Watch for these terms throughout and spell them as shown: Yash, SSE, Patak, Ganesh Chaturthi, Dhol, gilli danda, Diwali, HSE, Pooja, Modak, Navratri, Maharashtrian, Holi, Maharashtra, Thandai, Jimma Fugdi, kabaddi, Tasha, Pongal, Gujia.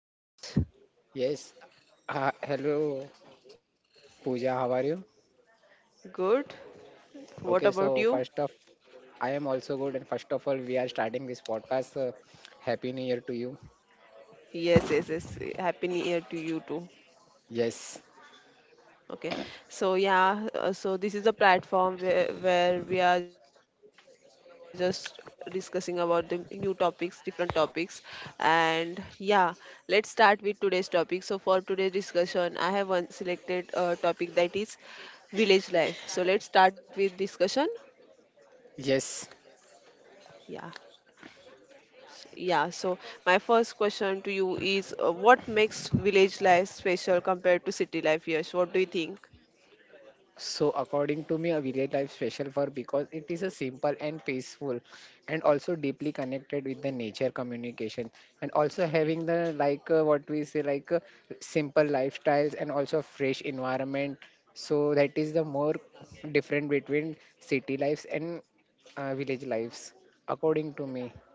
So hello Yash, Yes. Hello, Pooja. How are you? good. What Okay. about So you? first of, I am also good. And first of all, we are starting this podcast. Happy New Year to you. Yes, yes, yes. Happy New Year to you too. Yes. Okay, so yeah, so this is a platform where we are just discussing about the new topics, different topics, and yeah, let's start with today's topic. So for today's discussion, I have one selected topic that is village life. So let's start with discussion. Yes. Yeah, yeah. So my first question to you is, what makes village life special compared to city life? Yes, what do you think? So according to me, a village life special for because it is a simple and peaceful, and also deeply connected with the nature communication, and also having the like what we say simple lifestyles and also fresh environment. So that is the more different between city lives and village lives, according to me.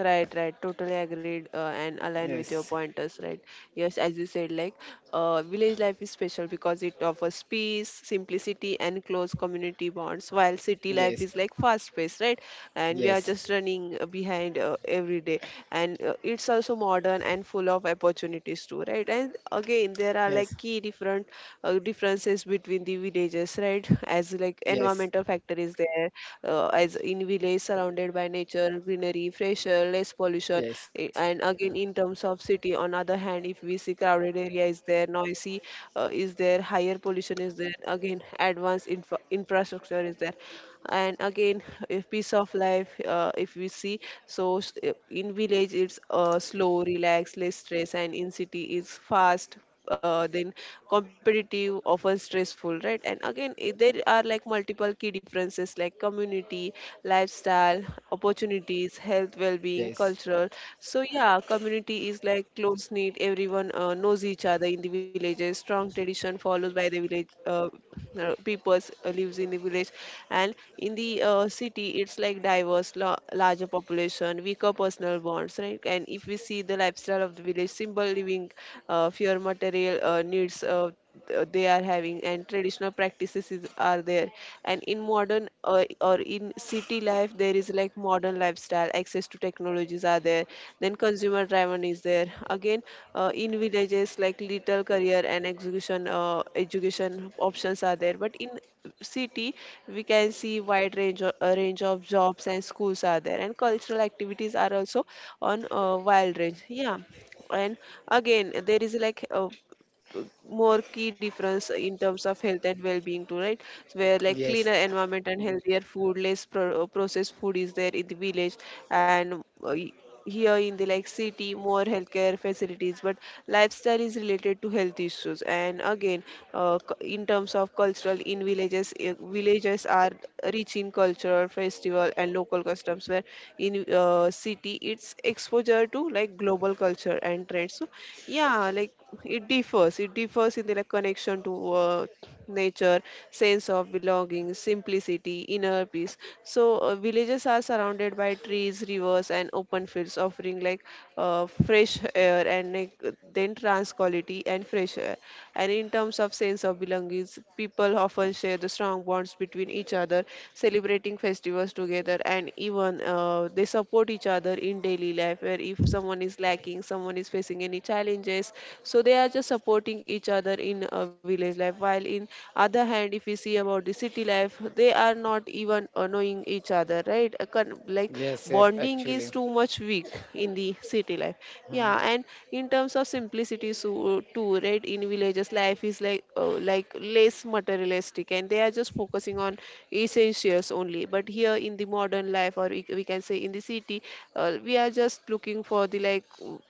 Right, right. Totally agreed and aligned with your Yes, pointers, right? Yes, as you said, like village life is special because it offers peace, simplicity, and close community bonds, while city life is yes, like fast paced, right? And we are yes, just running behind every day. And it's also modern and full of opportunities, too, right? And again, there are like yes, key different differences between the villages, right? As like yes, environmental factor is there, as in village surrounded by nature, greenery, fresher, less pollution. Eh, yes, And again, in terms of city, on other hand, if we see crowded area is there, noisy is there, higher pollution is there, again, advanced infrastructure is there. And again, if piece of life, if we see, so in village it's slow, relaxed, less stress, and in city it's fast then competitive, often stressful, right? And again, there are like multiple key differences like community, lifestyle, opportunities, health, well-being, yes, cultural. So yeah, community is like close knit, everyone knows each other in the villages, strong tradition followed by the village peoples lives in the village, and in the city it's like diverse, larger population, weaker personal bonds, right? And if we see the lifestyle of the village, simple living, fewer material needs they are having, and traditional practices are there. And in modern or in city life there is like modern lifestyle, access to technologies are there, then consumer driven is there. Again, in villages like little career and execution education options are there, but in city we can see wide a range of jobs and schools are there, and cultural activities are also on wild range, yeah. And again, there is like more key difference in terms of health and well-being too, right? So where like cleaner yes, environment and healthier food, less processed food is there in the village. And here in the like city, more healthcare facilities, but lifestyle is related to health issues. And again, in terms of cultural, in villages, villages are rich in cultural festival and local customs, where in city it's exposure to like global culture and trends. So yeah, like it differs in the like connection to nature, sense of belonging, simplicity, inner peace. So villages are surrounded by trees, rivers and open fields, offering like fresh air, and like then trans quality and fresh air. And in terms of sense of belongings, people often share the strong bonds between each other, celebrating festivals together, and even they support each other in daily life, where if someone is lacking, someone is facing any challenges, so they are just supporting each other in a village life. While in other hand, if we see about the city life, they are not even knowing each other, right? A like yes, yes, bonding actually. is too much weak in the city life. Hmm. Yeah. And in terms of simplicity so too, right? In villages, life is like less materialistic, and they are just focusing on essentials only. But here in the modern life, or we can say in the city, we are just looking for the like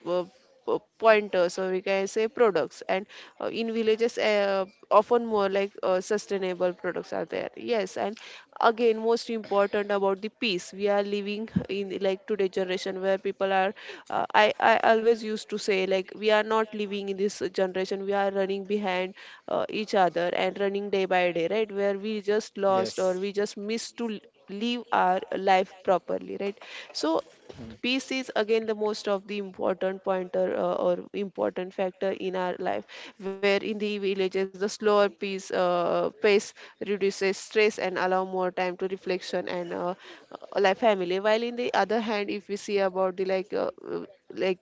uh, pointers, or we can say products. And in villages often more like sustainable products are there, yes. And again, most important about the peace, we are living in the like today generation, where people are I always used to say like we are not living in this generation, we are running behind each other and running day by day, right? Where we just lost, or Yes. we just missed to live our life properly, right? So Hmm. peace is again the most of the important pointer, or important factor in our life, where in the villages the slower peace pace reduces stress and allow more time to reflection and like family. While in the other hand, if we see about the like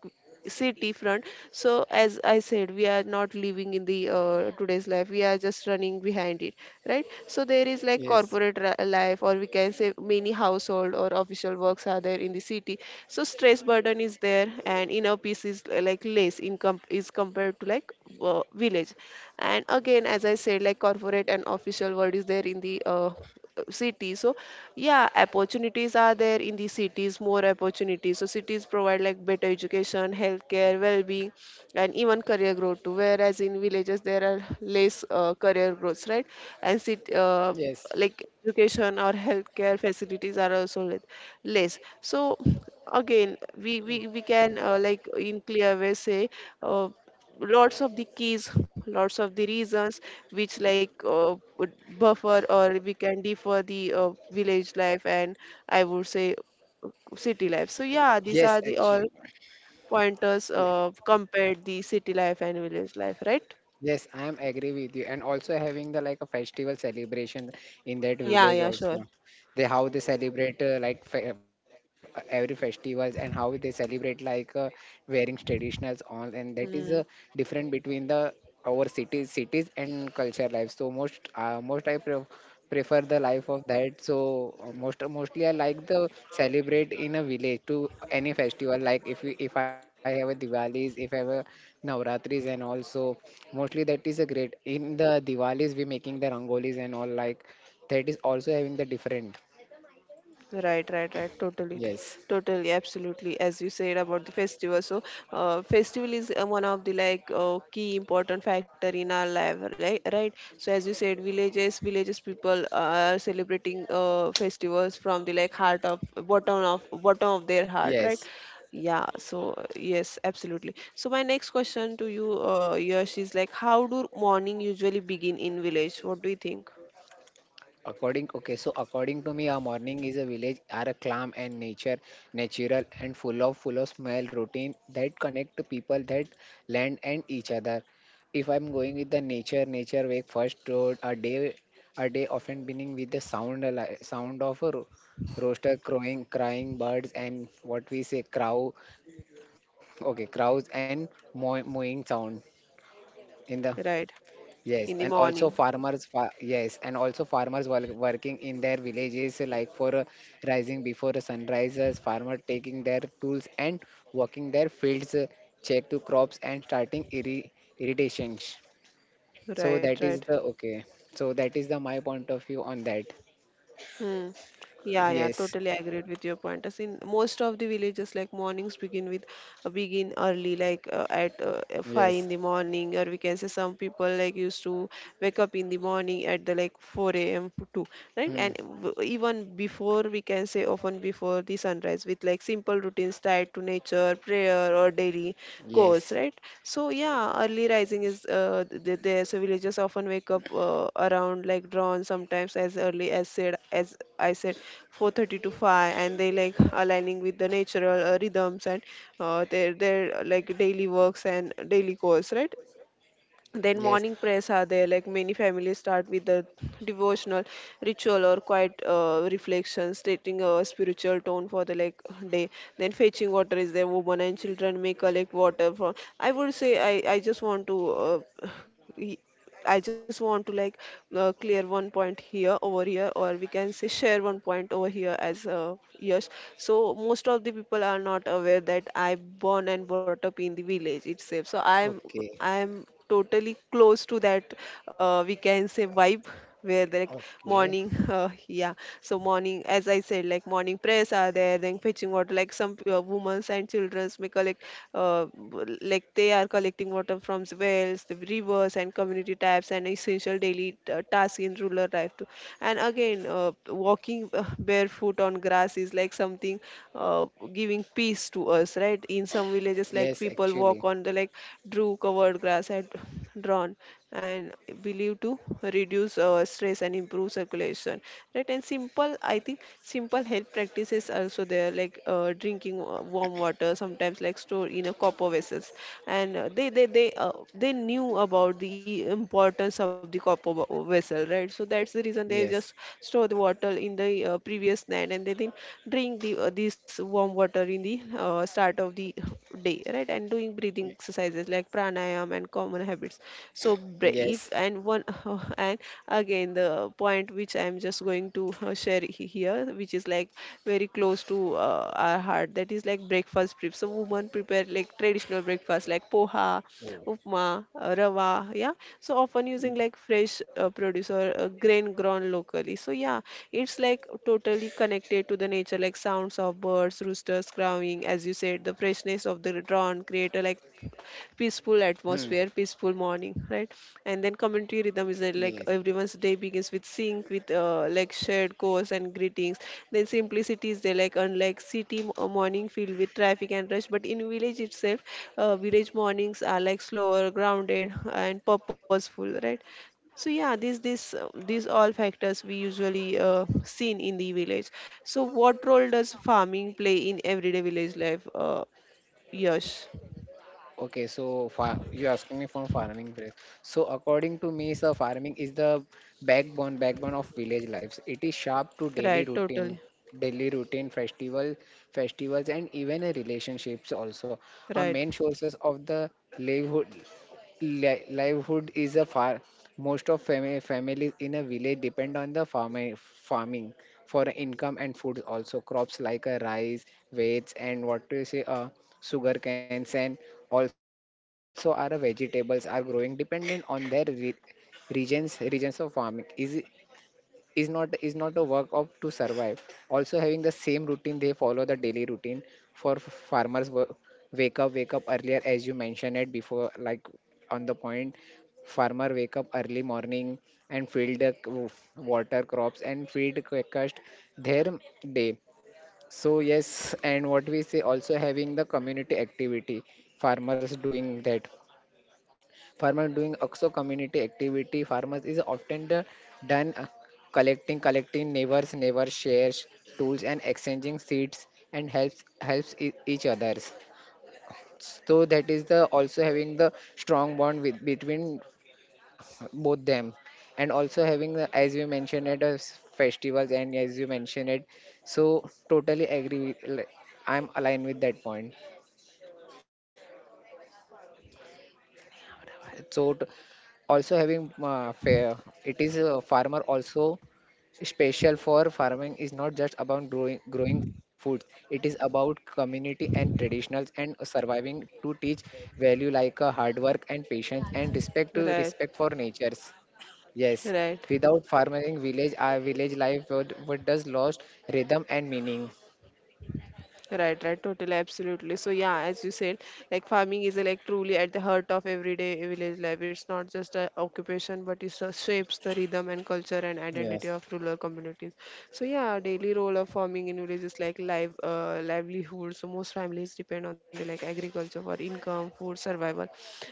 city front, so as I said, we are not living in the today's life, we are just running behind it, right? So there is like Yes, corporate life, or we can say many household or official works are there in the city. So stress burden is there, and inner peace is like less in comp- is compared to like village. And again, as I said, like corporate and official world is there in the city. So yeah, opportunities are there in the cities, more opportunities. So cities provide like better education, healthcare, well-being, and even career growth too, whereas in villages there are less career growths, right? And city yes, like education or healthcare facilities are also less. So again, we can like in clear way say uh, lots of the keys, lots of the reasons which like would buffer, or we can differ the village life, and I would say uh, city life. So yeah, these yes, are the actually. all pointers Yeah. Compared the city life and village life, right? Yes, I am agree with you. And also having the like a festival celebration in that. Yeah. Yeah, Village yeah, also. sure. They how they celebrate like fe every festivals, and how they celebrate wearing traditionals on, and that is Hmm. different between the our cities and culture life. So most I prefer the life of that. So mostly I like the celebrate in a village to any festival. Like if we, if I have a Diwali's, if I have a Navratris and also. Mostly that is a great. In the Diwalis, we making the rangolis and all, like that is also having the different. Right, right, right. Totally, Yes, totally, absolutely. As you said about the festival, so festival is one of the like key important factor in our life, right? Right. So as you said, villages people are celebrating festivals from the like heart of bottom of their heart, right? yes. Yeah. So yes, absolutely. So my next question to you, Yash, is like how do morning usually begin in village? What do you think? According okay, so according to me, a morning is a village are a calm and nature, natural and full of smell routine that connect to people that land and each other. If I'm going with the nature, nature wake first road a day often beginning with the sound sound of a rooster crowing, crying birds and what we say crow. Okay, crows and mowing sound in the. Right, Yes, and in the also morning. farmers fa yes, and also farmers work, working in their villages like for rising before the sunrises, farmer taking their tools and working their fields, check to crops and starting irritations. So Right, that right. is the okay. So that is the my point of view on that. Hmm. Yeah, yeah, Yes, totally agreed with your point. As in most of the villages, like mornings begin with begin early, like at five yes, in the morning, or we can say some people like used to wake up in the morning at the like 4 a.m. to 2, right? hmm. And even before, we can say often before the sunrise, with like simple routines tied to nature, prayer, or daily course, Yes, right? So yeah, early rising is there. So villagers often wake up around like dawn, sometimes as early as said as I said, 4:30 to 5, and they like aligning with the natural rhythms and their like daily works and daily course, right? yes. Then morning prayers are there, like many families start with the devotional ritual or quiet reflection, stating a spiritual tone for the like day. Then fetching water is there. Women and children may collect water from. I would say I just want to uh, I just want to like clear one point here over here, or we can say share one point over here as years. So most of the people are not aware that I born and brought up in the village itself. So I'm Okay, I'm totally close to that we can say vibe where they, like morning okay. So morning as I said, like morning prayers are there, then fetching water, like some women and childrens may collect like they are collecting water from the wells, the rivers, and community taps, and essential daily tasks in rural life too. And again, walking barefoot on grass is like something uh, giving peace to us, right? In some villages, Yes, like people actually, walk on the like drew covered grass at drawn and believed to reduce stress and improve circulation, right? And simple, I think simple health practices also there, like drinking warm water sometimes, like store in a copper vessels. And they knew about the importance of the copper vessel, right? So that's the reason they just yes, store the water in the previous night and they then drink the this warm water in the start of the day, right? And doing breathing exercises like pranayam and common habits. so bra- yes. and one and again the point which I'm just going to share here, which is like very close to our heart, that is like breakfast prep. So women prepare like traditional breakfast like poha, upma, rava, yeah. So often using like fresh produce or grain grown locally. So yeah, it's like totally connected to the nature, like sounds of birds, roosters crowing, as you said, the freshness of the drawn create a like Hmm. peaceful atmosphere, peaceful morning, right? And then community rhythm is that, Yes. like everyone's day begins with sync, with like shared goals and greetings. Then simplicity is there, like unlike city morning filled with traffic and rush, but in village itself, village mornings are like slower, grounded, and purposeful, right? So yeah, these this these all factors we usually seen in the village. So what role does farming play in everyday village life? Yash. Okay. So far, you asking me for farming practice. So according to me, sir, farming is the backbone of village lives. It is sharp to daily Right, routine, totally. daily routine, festivals, and even a relationships also are Right, main sources of the livelihood, livelihood is a far most of families in a village depend on the farming for income and food, also crops like rice wheats and what do you say sugar canes and also our vegetables are growing dependent on their regions of farming is is not a work of to survive, also having the same routine they follow the daily routine for farmers wake up earlier as you mentioned it before, like on the point farmer wake up early morning and field the water crops and feed quickest their day. So yes, and what we say also having the community activity farmers doing that, farmer doing also community activity farmers is often the- done collecting collecting neighbors neighbor shares tools and exchanging seeds and each others. So that is the also having the strong bond with between both them, and also having the, as you mentioned at festivals and as you mentioned it. So totally agree I'm aligned with that point. So also having fair, it is a farmer also special for farming is not just about growing food, it is about community and traditionals and surviving to teach value like hard work and patience and respect right, for natures. Yes. right, Without farming village our village life would does lost rhythm and meaning. right, right, totally, absolutely. So yeah, as you said, like farming is like truly at the heart of everyday village life. It's not just a occupation, but it shapes the rhythm and culture and identity Yes. of rural communities. So yeah, daily role of farming in villages is like livelihood. So most families depend on the like agriculture for income, food, survival,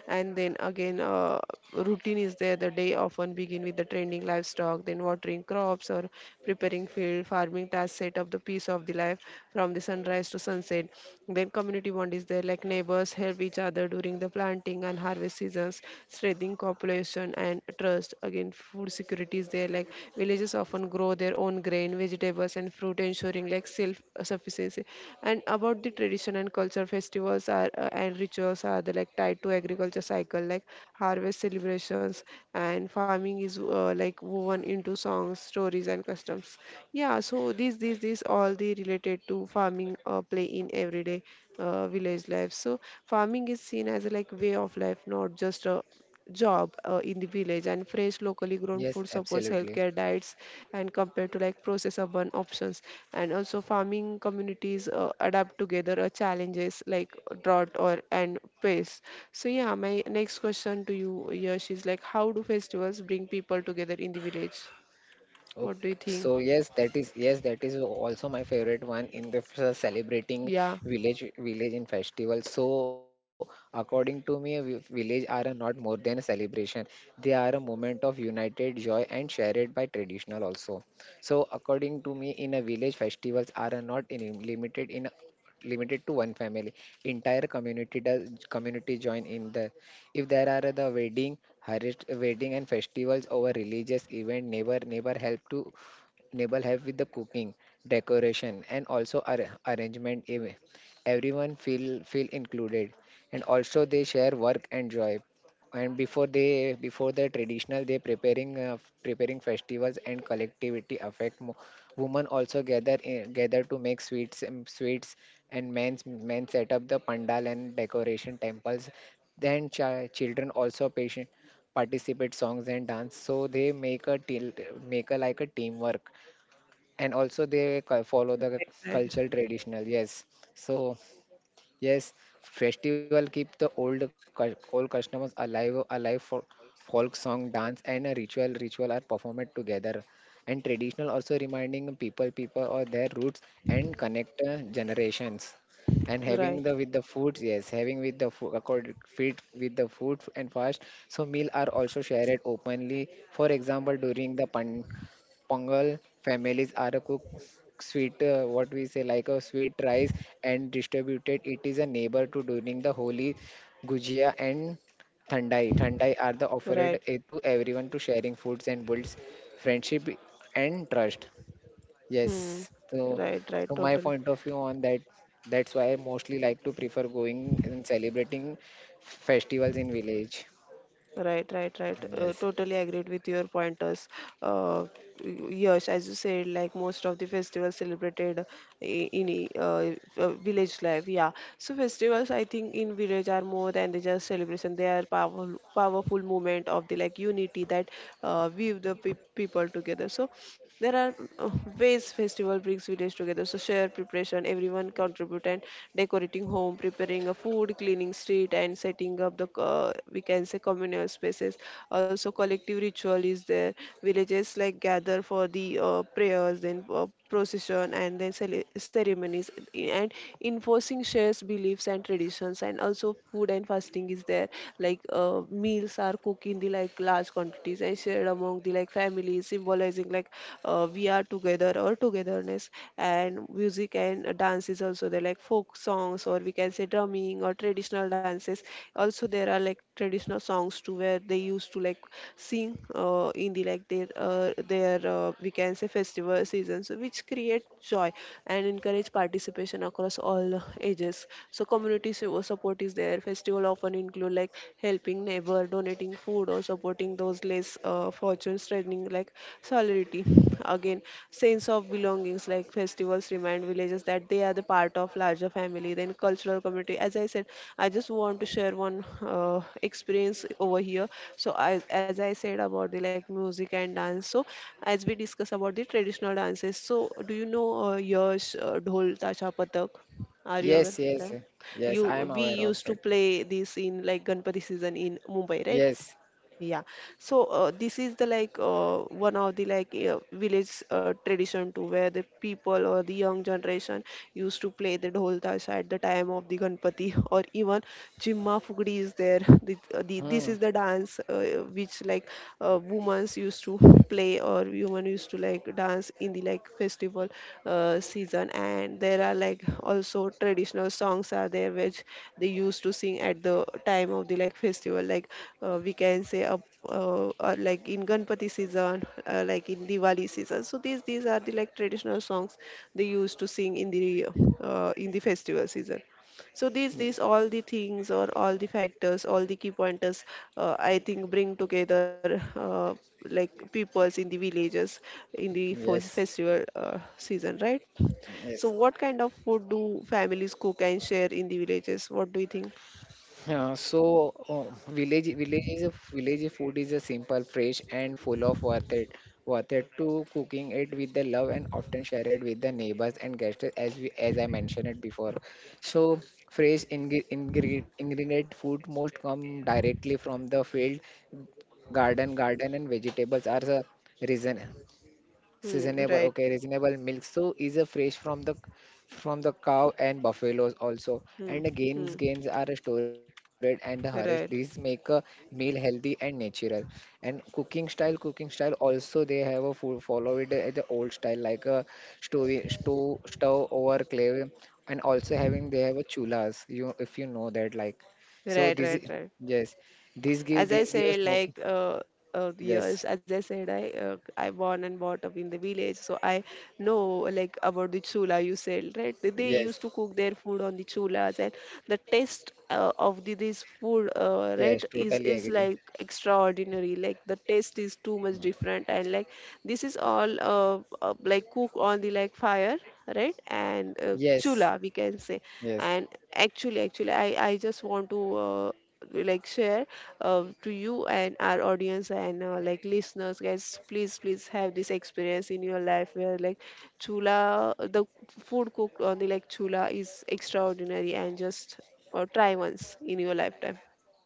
and then again, routine is there, the day often begin with the tending livestock, then watering crops or preparing field. Farming tasks set up the piece of the life from the sunrise to sunset. Then community bond is there, like neighbors help each other during the planting and harvest seasons, strengthening cooperation and trust. Again, food security is there, like villages often on grow their own grain, vegetables, and fruit, ensuring like self sufficiency. And about the tradition and culture, festivals are and rituals are the, like tied to agriculture cycle, like harvest celebrations, and farming is like woven into songs, stories, and customs. Yeah, so these all the related to farming play in everyday village life. So farming is seen as a like way of life, not just a job in the village, and fresh locally Yes, grown food absolutely. supports healthcare diets and compared to like processed urban options. And also farming communities adapt together challenges like drought or and pest. So yeah, my next question to you, Yash, is like how do festivals bring people together in the village? What do Okay. you think? So yes, that is also my favorite one in the celebrating Yeah, village in festival. So according to me, village are not more than a celebration. They are a moment of united joy and shared by traditional also. So according to me, in a village festivals are not in, limited in limited to one family. Entire community does community join in the if there are the wedding, harvest, wedding and festivals or religious event, never help to Nibble help with the cooking, decoration, and also arrangement. Everyone feel included, and also they share work and joy. And before they before the traditional, they preparing festivals and collectivity affect. Women also gather in, gather to make sweets, and men set up the pandal and decoration temples. Then children also patient participate songs and dance, so they make a like a teamwork, and also they follow the right, cultural traditional. Yes. So yes, festival keep the old old customers alive for folk song dance and a ritual are performed together, and traditional also reminding people or their roots and connect generations, and having right, the with the foods. Yes, having with the food according fit with the food and fast. So meal are also shared openly, for example during the pan Pongal families are a cook sweet, what we say, like a sweet rice and distributed it is a neighbor to during the Holi, Gujia and Thandai. Thandai are the right. offered to everyone to sharing foods and builds friendship and trust. Hmm. Yes. So, Right, right, so my totally. point of view on that, that's why I mostly like to prefer going and celebrating festivals in village. Right, right, right. Yes. Totally agreed with your pointers. Uh, yes, as you said, like most of the festivals celebrated i- village life. Yeah. So festivals, I think, in village are more than they just celebration. They are powerful, powerful moment of the like unity that weave the people together. So there are ways festival brings village together. So share preparation, everyone contribute and decorate decorating home, preparing a food, cleaning street, and setting up the we can say communal spaces. Also, collective ritual is there. Villages like gather for the prayers, then procession, and then ceremonies, and enforcing shares beliefs and traditions. And also, food and fasting is there. Like meals are cooked in the like large quantities and shared among the like families, symbolizing like we are together or togetherness. And music and dance is also there, like folk songs, or we can say drumming or traditional dances. Also there are like traditional songs too, where they used to like sing in the like their we can say festival seasons, which create joy and encourage participation across all ages. So community support is there, festival often include like helping neighbor, donating food or supporting those less fortunate, strengthening like solidarity. Again, sense of belongings, like festivals remind villages that they are the part of larger family. Then cultural community. As I said, I just want to share one uh, experience over here. So as I said about the like music and dance. So as we discuss about the traditional dances. So do you know Yash, Dhol, Tasha, Patak? Are you aware? Yes, yes. Right? Yes, I You am we aware of used to it. play this in like Ganpati season in Mumbai, right? Yes. Yeah, so this is the like one of the like village tradition too, where the people or the young generation used to play the dhol tasha at the time of the Ganpati, or even Jimma Fugdi is there. The, this Hmm. is the dance which like women used to play or women used to like dance in the like festival season. And there are like also traditional songs are there, which they used to sing at the time of the like festival, like we can say a or like in Ganpati season, like in Diwali season. So these are the like traditional songs they used to sing in the festival season. So these all the things or all the factors, all the key pointers, I think bring together like peoples in the villages in the Yes, festival season, right? So yes. what kind of food do families cook and share in the villages? What do you think? So uh, village is a village food is a simple, fresh, and full of worth it. Worth it to cooking it with the love and often share it with the neighbors and guests, as we as I mentioned it before. So fresh ingredient food most come directly from the field, garden and vegetables are the reason. Hmm, Seasonable, right. okay, reasonable milk. So is a fresh from the cow and buffaloes also. Hmm, And the hmm. gains are stored and the harvest. These make Right. a meal healthy and natural. And cooking style also they have a full follow it the old style like a stove over clay, and also having they have a chulas. You if you know that like so Right, this right, is right. yes, this give As I this gives said, smoking. like years, Yes, as I said, I born and brought up in the village, so I know like about the chula. You said right, they yes, used to cook their food on the chulas, and the taste of the this food, yes, right, totally is agree. like extraordinary. Like the taste is too much different, and like this is all like cook on the like fire, right, and Yes. chula we can say, Yes, and actually I just want to like share to you and our audience and like listeners, guys, please please have this experience in your life where like chula, the food cooked on the like chula is extraordinary, and just try once in your lifetime.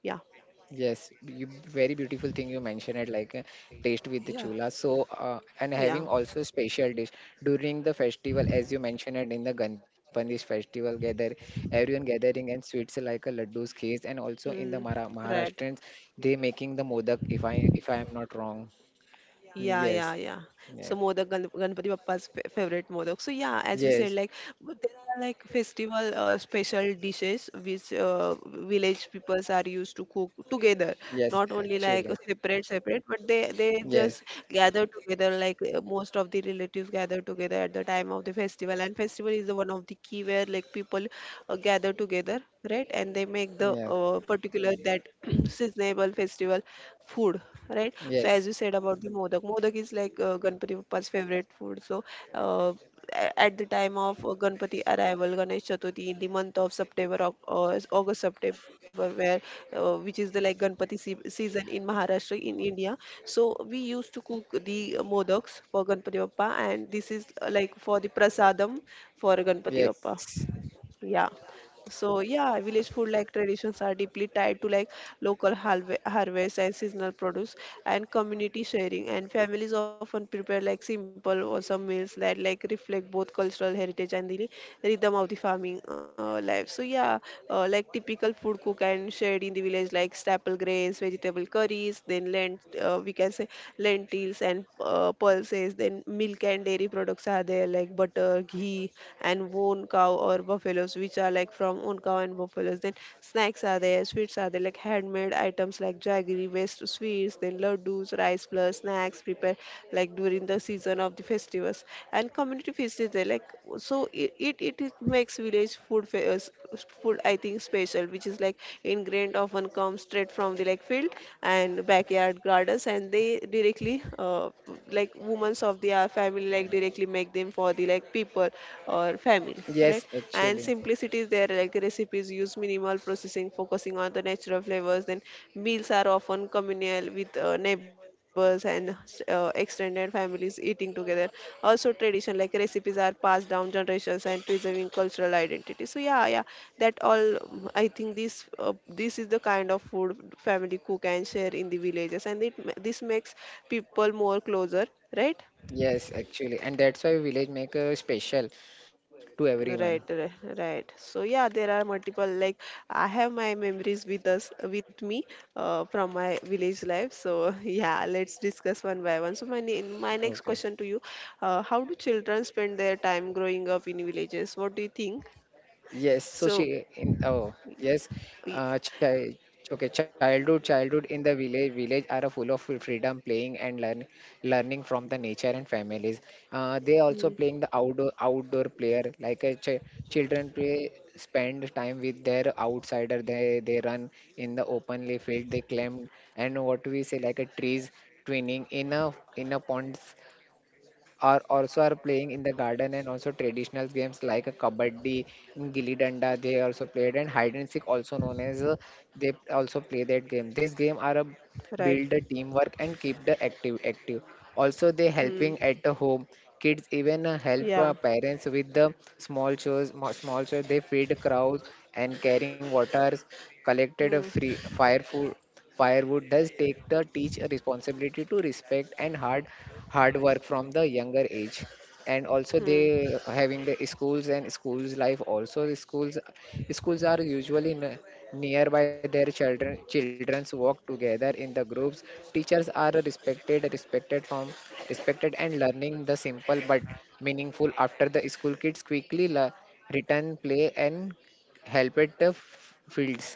Yeah. yes, you very beautiful thing you mentioned it, like taste with the Yeah. chula. So, and having Yeah. also special dish during the festival, as you mentioned it in the Ganpati's festival, gather everyone gathering and sweets like a laddus, kheers, and also in the Mm, Mara right. Maharashtrians, they making the modak. If I am not wrong, Yeah, yeah, yes, yeah. So yes, Modak, Ganpati Bappa's fa favorite Modak. So yeah, as you said, yes, like but there are like festival special dishes which village peoples are used to cook together, yes, not only like actually, separate separate, but they yes, just gather together. Like most of the relatives gather together at the time of the festival, and festival is the one of the key where like people gather together, right? And they make the yes, particular here that seasonable festival food, right? So yes, as you said about the modak, modak is like Ganpati Bappa's favorite food. So uh, at the time of Ganpati arrival, Ganesh Chaturthi in the month of September or August September, where which is the like Ganpati season in Maharashtra in India. So we used to cook the modaks for Ganpati Bappa, and this is like for the prasadam for Ganpati yes, Bappa. Yeah. So yeah, village food like traditions are deeply tied to like local harvest and seasonal produce and community sharing. And families often prepare like simple or some meals that like reflect both cultural heritage and the rhythm of the farming life. So yeah, like typical food cook and shared in the village, like staple grains, vegetable curries, then lent we can say lentils and pulses. Then milk and dairy products are there, like butter, ghee, and wool own cow or buffaloes, which are like from own cow and buffaloes. Then snacks are there, sweets are there, like handmade items like jaggery based sweets, then laddus, rice plus snacks prepared like during the season of the festivals. And community feast is there, like so it is makes village food fairs food, I think, special, which is like ingredient often comes straight from the like field and backyard gardens, and they directly like women of their family like directly make them for the like people or family, yes, right? actually. And simplicity is there, like recipes use minimal processing, focusing on the natural flavors. Then meals are often communal with neighbors and extended families eating together. Also, tradition like recipes are passed down generations and preserving cultural identity. So yeah, yeah, that all. Um, I think this this is the kind of food family cook and share in the villages, and it this makes people more closer, right? Yes, actually, and that's why village maker special to everyone. Right, right, right. So yeah, there are multiple. Like I have my memories with us, with me, from my village life. So yeah, let's discuss one by one. So my next Okay. question to you, how do children spend their time growing up in villages? What do you think? Yes, So, so she in oh yes, y- uh, child childhood in the village are full of freedom playing and learning from the nature and families. They also hmm, playing the outdoor player like a ch children play spend time with their outsider. They run in the openly field. They climb and what we say like a trees twinning in a pond are also are playing in the garden, and also traditional games like a kabaddi, gilli danda they also played, and hide and seek also known as they also play that game, this game are a right, build the teamwork and keep the active. Also they hmm, helping at the home, kids even help yeah, parents with the small chores, they feed crows and carrying waters, collected a hmm, free fire food firewood does take the teach a responsibility to respect and hard work from the younger age. And also hmm. they having the schools and schools life also the schools, schools are usually nearby their children's walk together in the groups. Teachers are respected and learning the simple but meaningful. After the school kids quickly return play and help at the fields.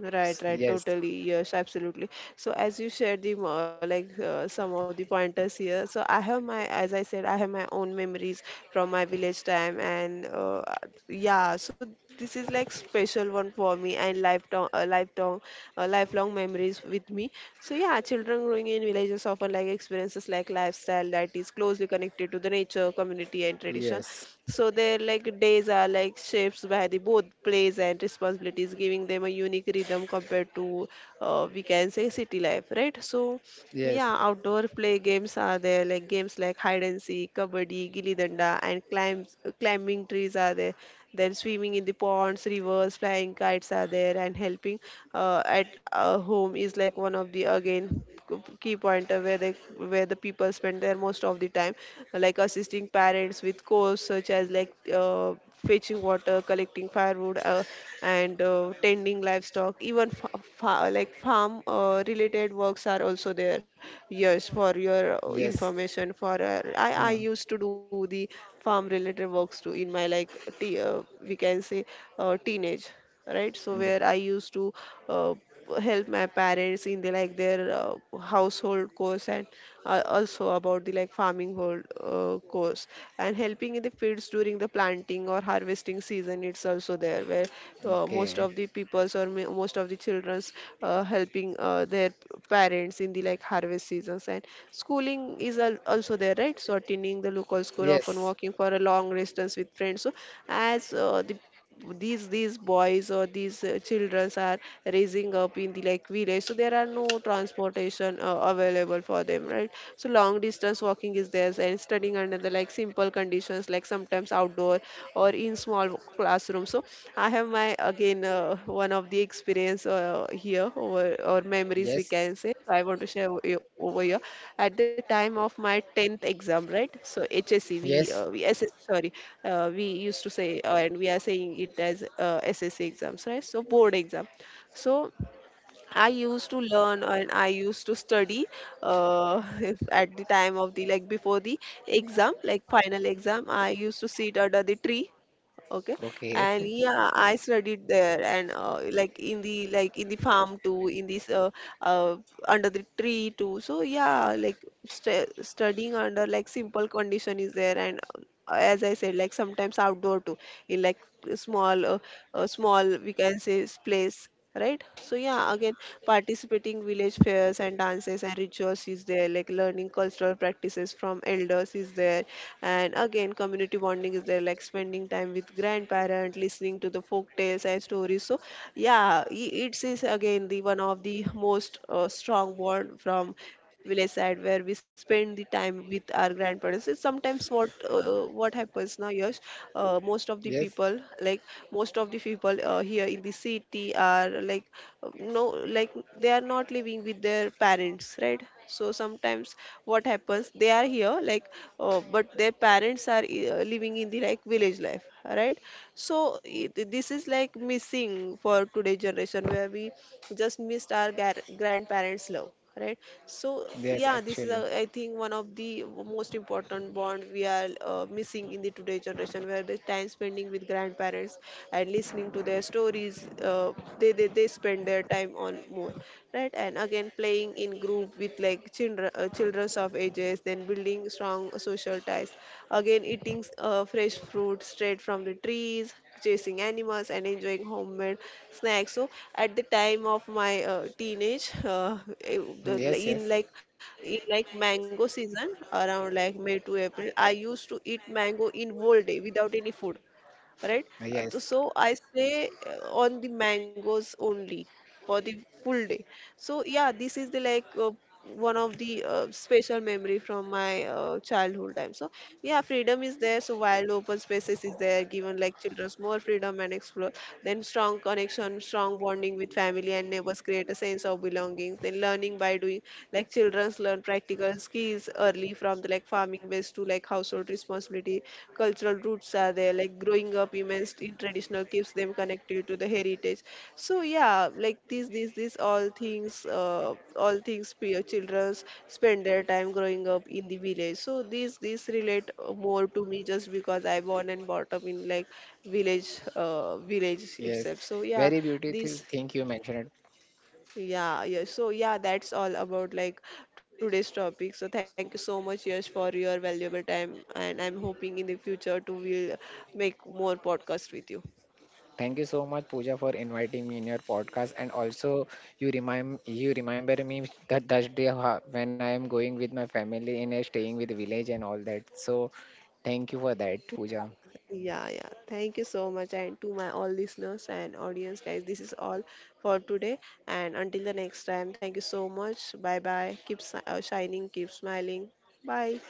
Right, right, Yes, totally. Yes, absolutely. So as you shared the more like some of the pointers here. So as I said, I have my own memories from my village time, and yeah. So this is like special one for me and lifetime, lifelong memories with me. So yeah, children growing in villages often like experiences like lifestyle that is closely connected to the nature, community, and tradition education. yes, So their like days are like shaped by the both plays and responsibilities, giving them a unique rhythm compared to we can say city life, right? So yeah, yes, outdoor play games are there like games like hide and seek, kabaddi, gilli danda, and climbs, climbing trees are there. Then swimming in the ponds, rivers, flying kites are there, and helping at home is like one of the again key point where the people spend their most of the time like assisting parents with chores such as like fetching water collecting firewood and tending livestock even like farm related works are also there. Yes, for your yes, information, for uh, I hmm. used to do the farm related works too in my like we can say teenage, right? So where I Book. used to uh, help my parents in the like their household course, and also about the like farming hold course, and helping in the fields during the planting or harvesting season. It's also there where most Okay. of the peoples or most of the children's helping their parents in the like harvest seasons. And schooling is also there, right? So attending the local school, Yes, often walking for a long distance with friends. So as the these boys or these children are raising up in the like village, so there are no transportation available for them, right? So long distance walking is there, and studying under the like simple conditions, like sometimes outdoor or in small classrooms. So I have my again one of the experience here over or memories we yes, can say. So I want to share over here at the time of my 10th exam, right? So HSE, we, yes. uh, we SS, sorry, we used to say, and we are saying it as SSE exams, right? So board exam. So I used to learn and I used to study if at the time of the like before the exam, like final exam, I used to sit under the tree. Okay, Okay. and yeah, I studied there and like in the farm too, in this uh, under the tree too. So yeah, like st studying under like simple condition is there, and as I said, like sometimes outdoor too, in like small uh, small we can say place, right? So yeah, again, participating village fairs and dances and rituals is there, like learning cultural practices from elders is there. And again, community bonding is there, like spending time with grandparents listening to the folk tales and stories. So yeah, it is again the one of the most strong bond from village side where we spend the time with our grandparents. It's sometimes what happens now. Yes, most of the Yes, people like most of the people here in the city are like no, like they are not living with their parents, right? So sometimes what happens, they are here like but their parents are living in the like village life, right? So this is like missing for today generation, where we just missed our grandparents love, right? So yes, yeah, this is actually. a, I think one of the most important bond we are missing in the today generation, where the time spending with grandparents and listening to their stories. They spend their time on more, right? And again, playing in group with like children's of ages, then building strong social ties. Again, eating fresh fruit straight from the trees, chasing animals, and enjoying homemade snacks. So at the time of my teenage like, Yes, yes, in like mango season around like May to April, I used to eat mango in whole day without any food, right? Yes, So I stay on the mangoes only for the full day. So yeah, this is the like one of the special memory from my childhood time. So yeah, freedom is there. So wild open spaces is there, given like childrens more freedom and explore. Then strong connection, strong bonding with family and neighbors create a sense of belonging. Then learning by doing, like childrens learn practical skills early from the like farming ways to like household responsibility. Cultural roots are there, like growing up immersed in traditional keeps them connected to the heritage. So yeah, like these all things, peer children spend their time growing up in the village. So these relate more to me just because I born and brought up in like village yes. itself. So yeah, Very beautiful these thing you mentioned it. yeah, yeah. So yeah, that's all about like today's topic. So thank you so much, Yash, for your valuable time, and I'm hoping in the future to will make more podcast with you. Thank you so much, Pooja, for inviting me in your podcast. And also, you remember me that that day when I am going with my family in a staying with the village and all that. So, thank you for that, Pooja. Yeah, yeah. Thank you so much, and to my all listeners and audience, guys. This is all for today, and until the next time. Thank you so much. Bye bye. Keep shining. Keep smiling. Bye.